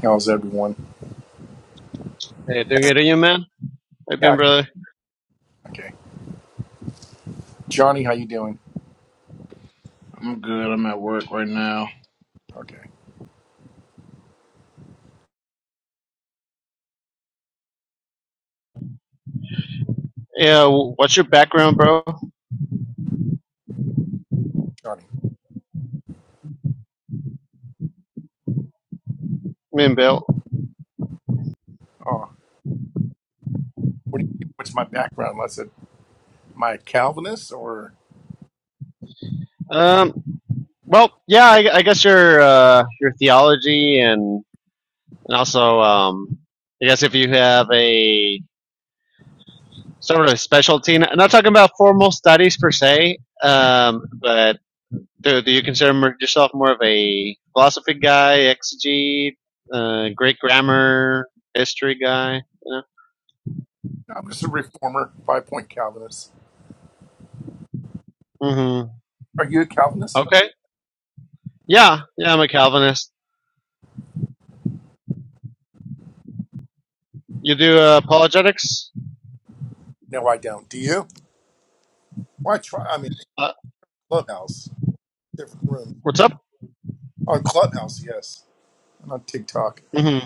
How's everyone? Hey, doing good, are you, man? How you been, Yeah, brother? okay. Johnny, how you doing? I'm good. I'm at work right now. Okay, Yeah, w- what's your background, bro? I Johnny. mean, Bill. Oh, what do you What's my background? Let's say my Calvinist or Um, well, yeah, I, I guess your uh, your theology and and also, um, I guess if you have a sort of specialty, and I'm not talking about formal studies per se, um, but do, do you consider mer- yourself more of a philosophy guy, exegete, uh, great grammar, history guy? You no, I'm just a reformer, five point Calvinist. know? Are you a hmm Calvinist? Okay. Yeah, yeah, I'm a Calvinist. You do uh, apologetics? No, I don't. Do you? Why try? I mean, Uh, Clubhouse, different room what's up? on Clubhouse, yes, and on TikTok. hmm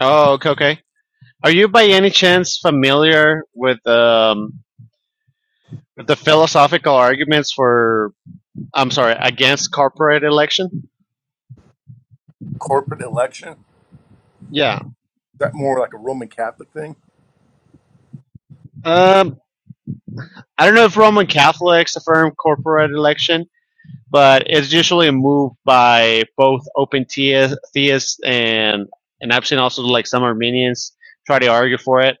Oh, okay, okay. Are you by any chance familiar with um, with the philosophical arguments for? I'm sorry, against corporate election? Corporate election is Yeah. that more like a Roman Catholic thing? Um, I don't know if Roman Catholics affirm corporate election, but it's usually a move by both open theists and and I've seen also like some Armenians try to argue for it.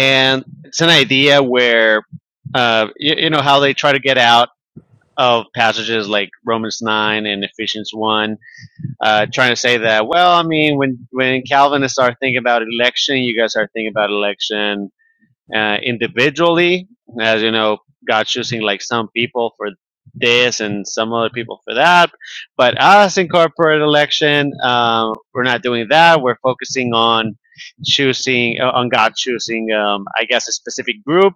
Yeah, it's an idea where uh, you, you know how they try to get out of passages like Romans nine and Ephesians one, uh, trying to say that well, I mean, when when Calvinists are thinking about election, you guys are thinking about election, uh, individually, as you know, God choosing like some people for this and some other people for that. But us in corporate election, um, we're not doing that. We're focusing on choosing uh, on God choosing, um, I guess, a specific group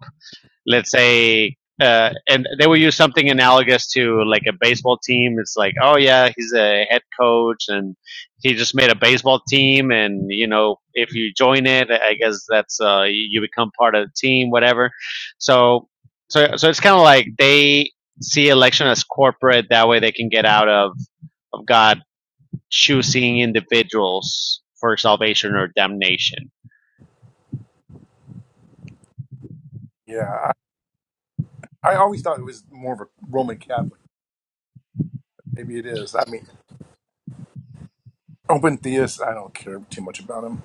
let's say, uh, and they will use something analogous to like a baseball team. It's like, oh yeah, he's a head coach, and he just made a baseball team, and you know, if you join it, I guess that's uh, you become part of the team, whatever. So, so, so it's kind of like they see election as corporate. That way, they can get out of of God choosing individuals for salvation or damnation. yeah. I, I always thought it was more of a Roman Catholic. Maybe it is. I mean, open theists. I don't care too much about them.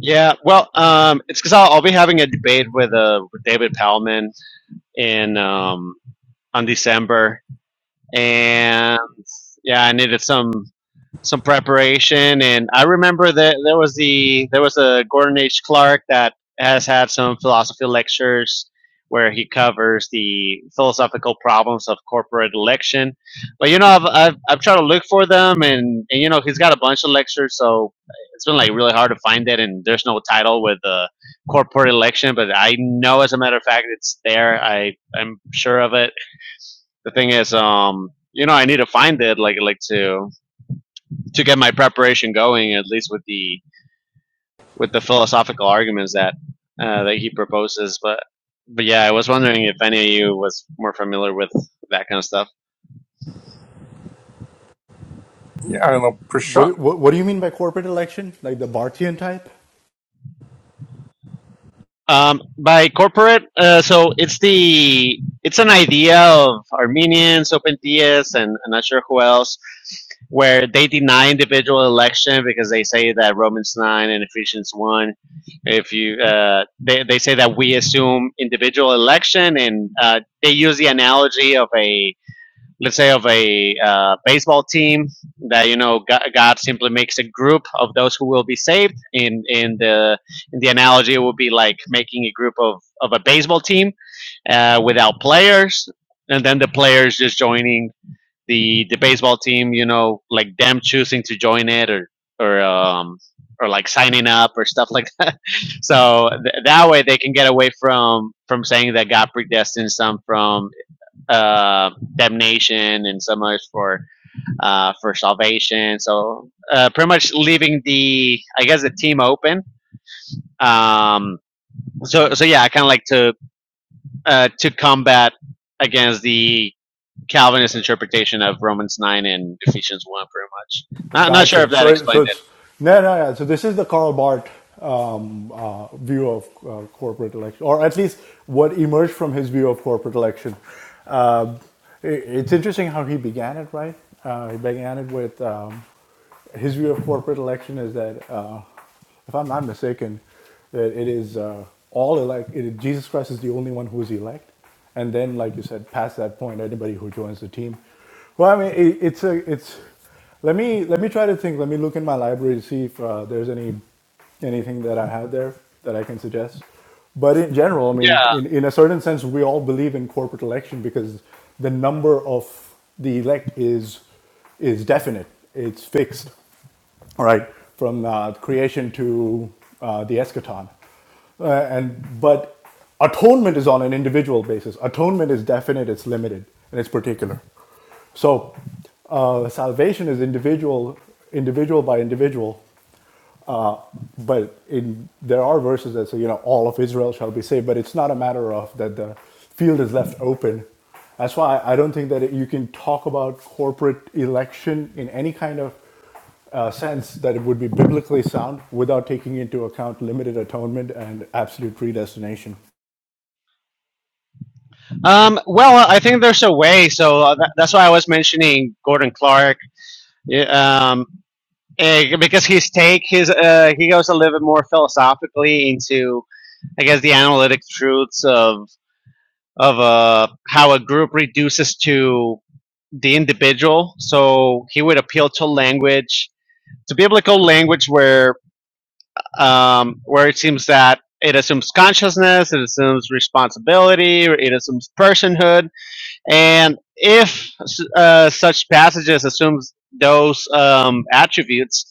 Yeah, well, um, it's because I'll, I'll be having a debate with uh with David Palman in um, on December, and yeah, I needed some some preparation and i remember that there was the there was a gordon h clark that has had some philosophy lectures where he covers the philosophical problems of corporate election but you know i've i've, I've tried to look for them and, and you know he's got a bunch of lectures so it's been like really hard to find it and there's no title with the corporate election but i know as a matter of fact it's there i i'm sure of it the thing is um you know i need to find it like like to to get my preparation going, at least with the with the philosophical arguments that uh, that he proposes. But but yeah, I was wondering if any of you was more familiar with that kind of stuff. Yeah, I don't know. What, what what do you mean by corporate election? Like the Barthian type? Um, by corporate, uh, so it's the it's an idea of Armenians, OpenTS, and I'm not sure who else, where they deny individual election because they say that Romans nine and Ephesians one, if you uh, they they say that we assume individual election, and uh, they use the analogy of a let's say of a uh, baseball team that you know God, God simply makes a group of those who will be saved. In in the in the analogy, it would be like making a group of of a baseball team uh, without players, and then the players just joining the the baseball team. You know, like them choosing to join it or or um or like signing up or stuff like that. So th- that way they can get away from from saying that God predestines some from uh, damnation and some others for uh, for salvation. So uh, pretty much leaving the I guess the team open. Um, so so yeah, I kind of like to uh, to combat against the Calvinist interpretation of Romans nine and Ephesians one, pretty much. Not not sure if Gotcha. that So it, explained so it. it's no no no. So this is the Karl Barth um, uh, view of uh, corporate election, or at least what emerged from his view of corporate election. Um it- it's interesting how he began it, right? Uh, he began it with um, his view of corporate election is that. Uh, if I'm not mistaken, that it is uh, all elect. It, Jesus Christ is the only one who is elect, and then, like you said, past that point, anybody who joins the team. Well, I mean, it, it's a it's. Let me let me try to think. Let me look in my library to see if uh, there's any anything that I have there that I can suggest. But in general, I mean, Yeah. in, in a certain sense, we all believe in corporate election because the number of the elect is is definite. It's fixed all right, from uh, creation to uh, the eschaton. Uh, and but atonement is on an individual basis. Atonement is definite, it's limited, and it's particular. So uh, salvation is individual, individual by individual. But in, there are verses that say, you know, all of Israel shall be saved. But it's not a matter of that the field is left open. That's why I don't think that it, you can talk about corporate election in any kind of sense that it would be biblically sound without taking into account limited atonement and absolute predestination. Um, well, I think there's a way. So uh, that, that's why I was mentioning Gordon Clark. Yeah, Um, Eh, because his take his uh, he goes a little bit more philosophically into I guess the analytic truths of of uh, how a group reduces to the individual. So he would appeal to language, to biblical language, where um, where it seems that it assumes consciousness, it assumes responsibility, it assumes personhood, and if uh, such passages assumes those um, attributes,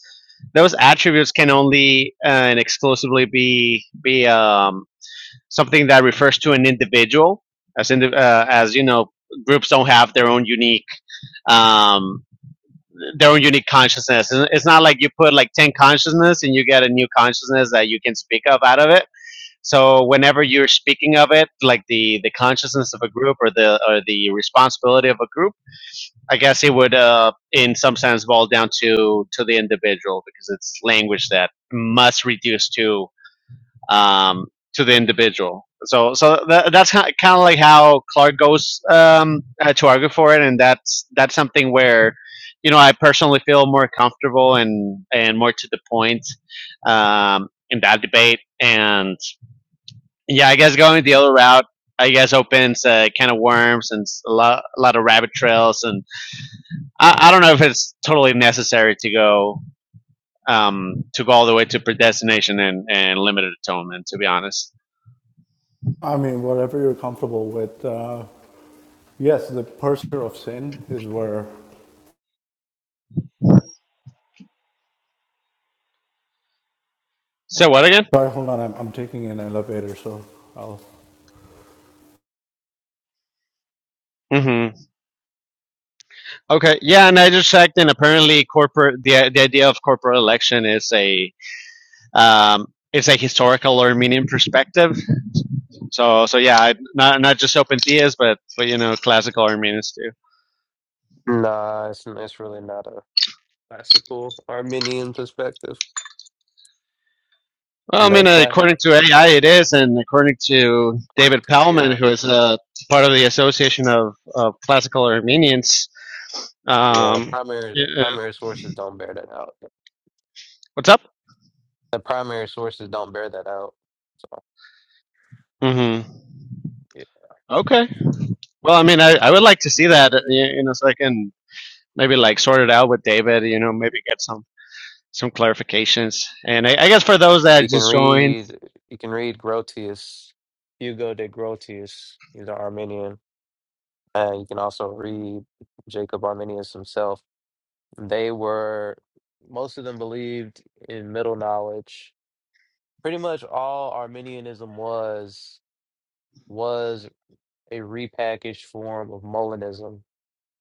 those attributes can only uh, and exclusively be be um, something that refers to an individual, as in the, uh, as you know, groups don't have their own unique um, their own unique consciousness. And It's not like you put like ten consciousness and you get a new consciousness that you can speak of out of it. So whenever you're speaking of it, like the the consciousness of a group or the or the responsibility of a group I guess it would, uh, in some sense, boil down to to the individual because it's language that must reduce to um, to the individual. So, so tha that's kind of like how Clark goes um, uh, to argue for it, and that's that's something where, you know, I personally feel more comfortable and and more to the point um, in that debate. And yeah, I guess going the other route, I guess opens uh, a can of worms and a lot, a lot of rabbit trails and I, I don't know if it's totally necessary to go um, to go all the way to predestination and, and limited atonement. To be honest. I mean, whatever you're comfortable with. Uh, yes, the purser of sin is where. So what again? Sorry, hold on. I'm, I'm taking an elevator, so I'll Mm-hmm. Okay. Yeah, and I just checked, and apparently, corporate the the idea of corporate election is a um, it's a historical Armenian perspective. So so yeah, I, not not just open theists, but but you know, classical Armenians too. Nah, it's, it's really not a classical Arminian perspective. Well, I The mean, class, according to AI, it is, and according to according David to Pellman, AI, who is a part of the Association of, of Classical Armenians, yeah, the Um, primary yeah, uh, primary sources don't bear that out. what's up? The primary sources don't bear that out. So hmm yeah. Okay. Well, I mean, I, I would like to see that, uh, y- you know, so I can maybe like sort it out with David, you know, maybe get some some clarifications. And I, I guess for those you that can just joined, read you can read Grotius, Hugo de Grotius. He's an Arminian, and you can also read Jacob Arminius himself. They were most of them believed in middle knowledge. Pretty much all Arminianism was. was a repackaged form of Molinism.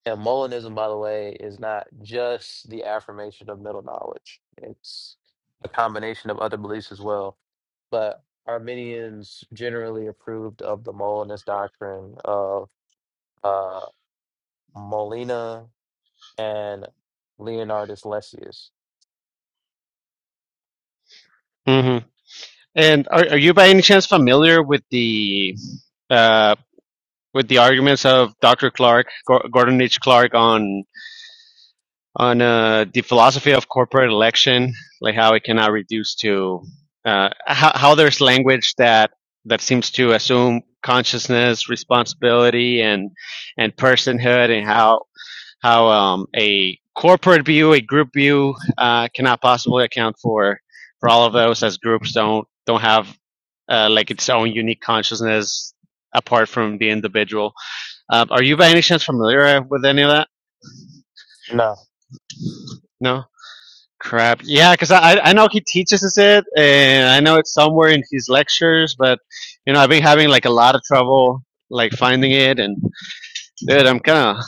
And Molinism, by the way, is not just the affirmation of middle knowledge, it's a combination of other beliefs as well. But Arminians generally approved of the Molinist doctrine of uh, Molina and Leonardus Lessius. hmm and are, are you by any chance familiar with the uh, with the arguments of Dr. Clark, Gor- Gordon H. Clark on? on uh, the philosophy of corporate election, like how it cannot reduce to uh, how, how there's language that that seems to assume consciousness, responsibility, and and personhood, and how how um, a corporate view, a group view, uh, cannot possibly account for for all of those, as groups don't don't have uh, like its own unique consciousness apart from the individual. Um, are you by any chance familiar with any of that? No. No. Crap. Yeah, because I I know he teaches us it, and I know it's somewhere in his lectures, but you know I've been having like a lot of trouble like finding it, and dude, I'm kind of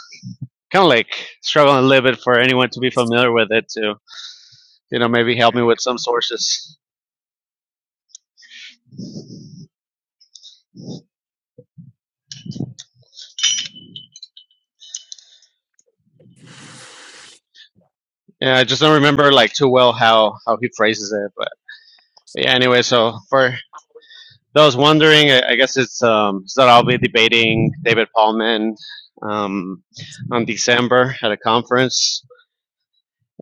kind of like struggling a little bit for anyone to be familiar with it to you know maybe help me with some sources. Yeah, I just don't remember like too well how how he phrases it, but yeah. Anyway, so for those wondering, I, I guess it's um it's that I'll be debating David Paulman um on December at a conference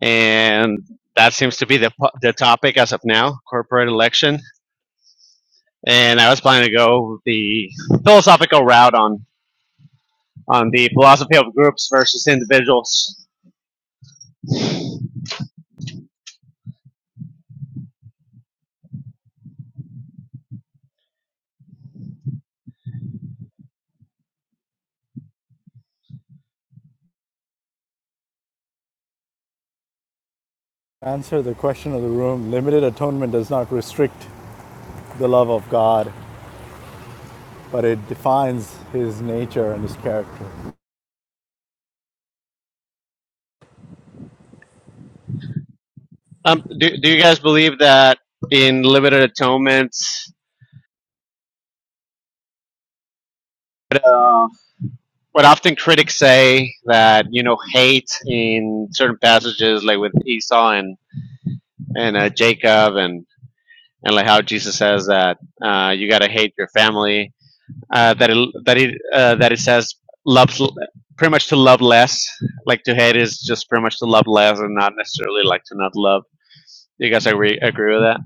and that seems to be the the topic as of now, corporate election. And I was planning to go the philosophical route on on the philosophy of groups versus individuals. answer the question of the room. Limited atonement does not restrict the love of God, but it defines his nature and his character. Um, do do you guys believe that in limited atonement? what- What often critics say that you know hate in certain passages, like with Esau and and uh, Jacob, and and like how Jesus says that uh, you got to hate your family uh, that it, that it uh, that it says loves pretty much to love less. Like to hate is just pretty much to love less, and not necessarily like to not love. Do you guys agree agree with that?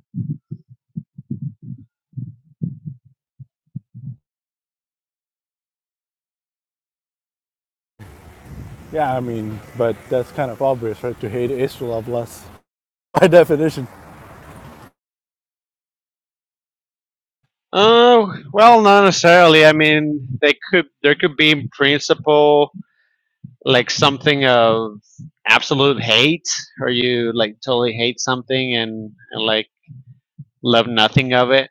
Yeah, I mean, but that's kind of obvious, right? To hate is to love less by definition. Uh, well, not necessarily. I mean, they could there could be in principle like something of absolute hate or you like totally hate something and, and like love nothing of it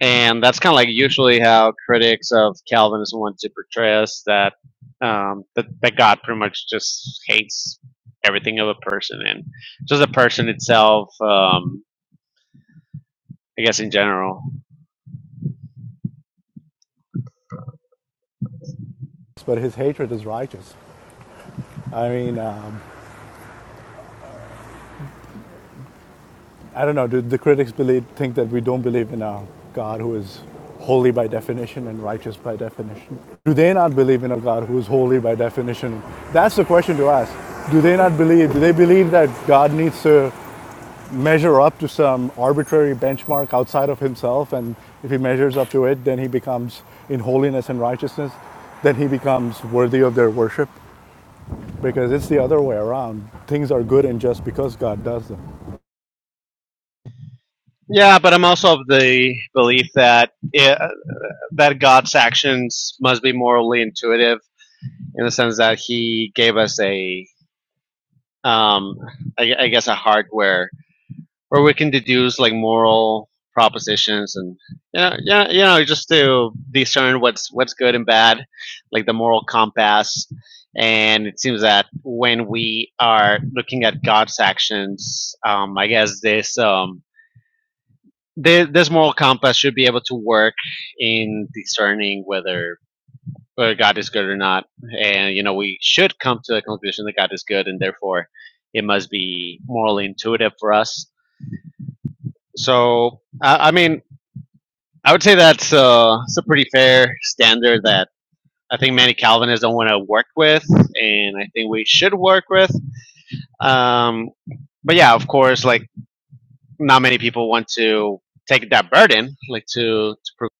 and that's kind of like usually how critics of calvinism want to portray us that um that, that god pretty much just hates everything of a person and just a person itself um i guess in general But his hatred is righteous. I mean, um, I don't know. Do the critics believe think that we don't believe in a God who is holy by definition and righteous by definition? Do they not believe in a God who is holy by definition? That's the question to ask. Do they not believe? Do they believe that God needs to measure up to some arbitrary benchmark outside of himself, and if he measures up to it, then he becomes in holiness and righteousness? then he becomes worthy of their worship because it's the other way around. Things are good and just because God does them. yeah but i'm also of the belief that it, that god's actions must be morally intuitive in the sense that he gave us a um, I, I guess a hardware where we can deduce like moral propositions and yeah, yeah, you know, just to discern what's what's good and bad, like the moral compass. And it seems that when we are looking at God's actions, um, I guess this um, thi- this moral compass should be able to work in discerning whether whether God is good or not. And, you know, we should come to the conclusion that God is good and therefore it must be morally intuitive for us. So, I, I mean, I would say that's uh, it's a pretty fair standard that I think many Calvinists don't want to work with and I think we should work with. Um, but yeah, of course, like not many people want to take that burden, like to, to prove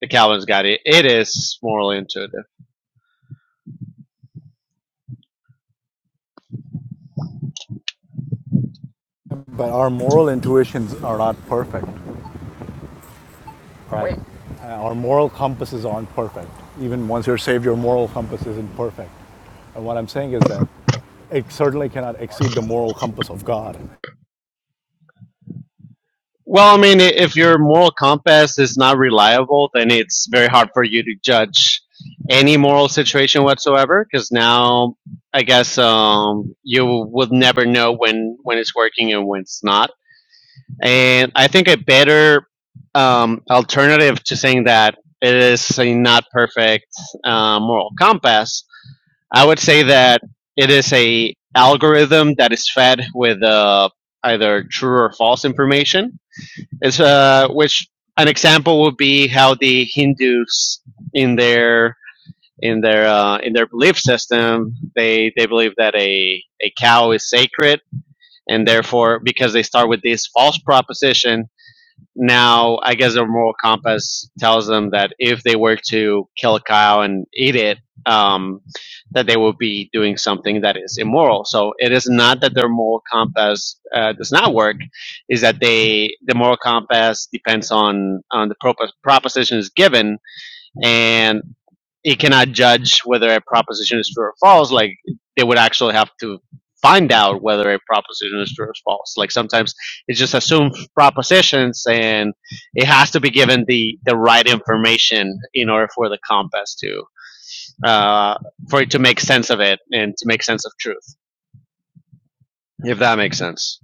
the Calvinist God. It, it is morally intuitive. But our moral intuitions are not perfect, right? Wait, Uh, our moral compasses aren't perfect. Even once you're saved, your moral compass isn't perfect. And what I'm saying is that it certainly cannot exceed the moral compass of God. Well, I mean, i- if your moral compass is not reliable, then it's very hard for you to judge any moral situation whatsoever. Because now, I guess um, you would never know when when it's working and when it's not. And I think a better um, alternative to saying that it is a not perfect uh, moral compass, I would say that it is a algorithm that is fed with uh, either true or false information it's uh, which an example would be how the Hindus in their in their uh, in their belief system they they believe that a a cow is sacred and therefore because they start with this false proposition now I guess their moral compass tells them that if they were to kill a cow and eat it, um, that they would be doing something that is immoral. So it is not that their moral compass uh, does not work; is that they the moral compass depends on on the prop- propositions given, and it cannot judge whether a proposition is true or false. Like they would actually have to find out whether a proposition is true or false. Like sometimes it's just assumed propositions, and it has to be given the the right information in order for the compass to uh, for it to make sense of it and to make sense of truth. If that makes sense.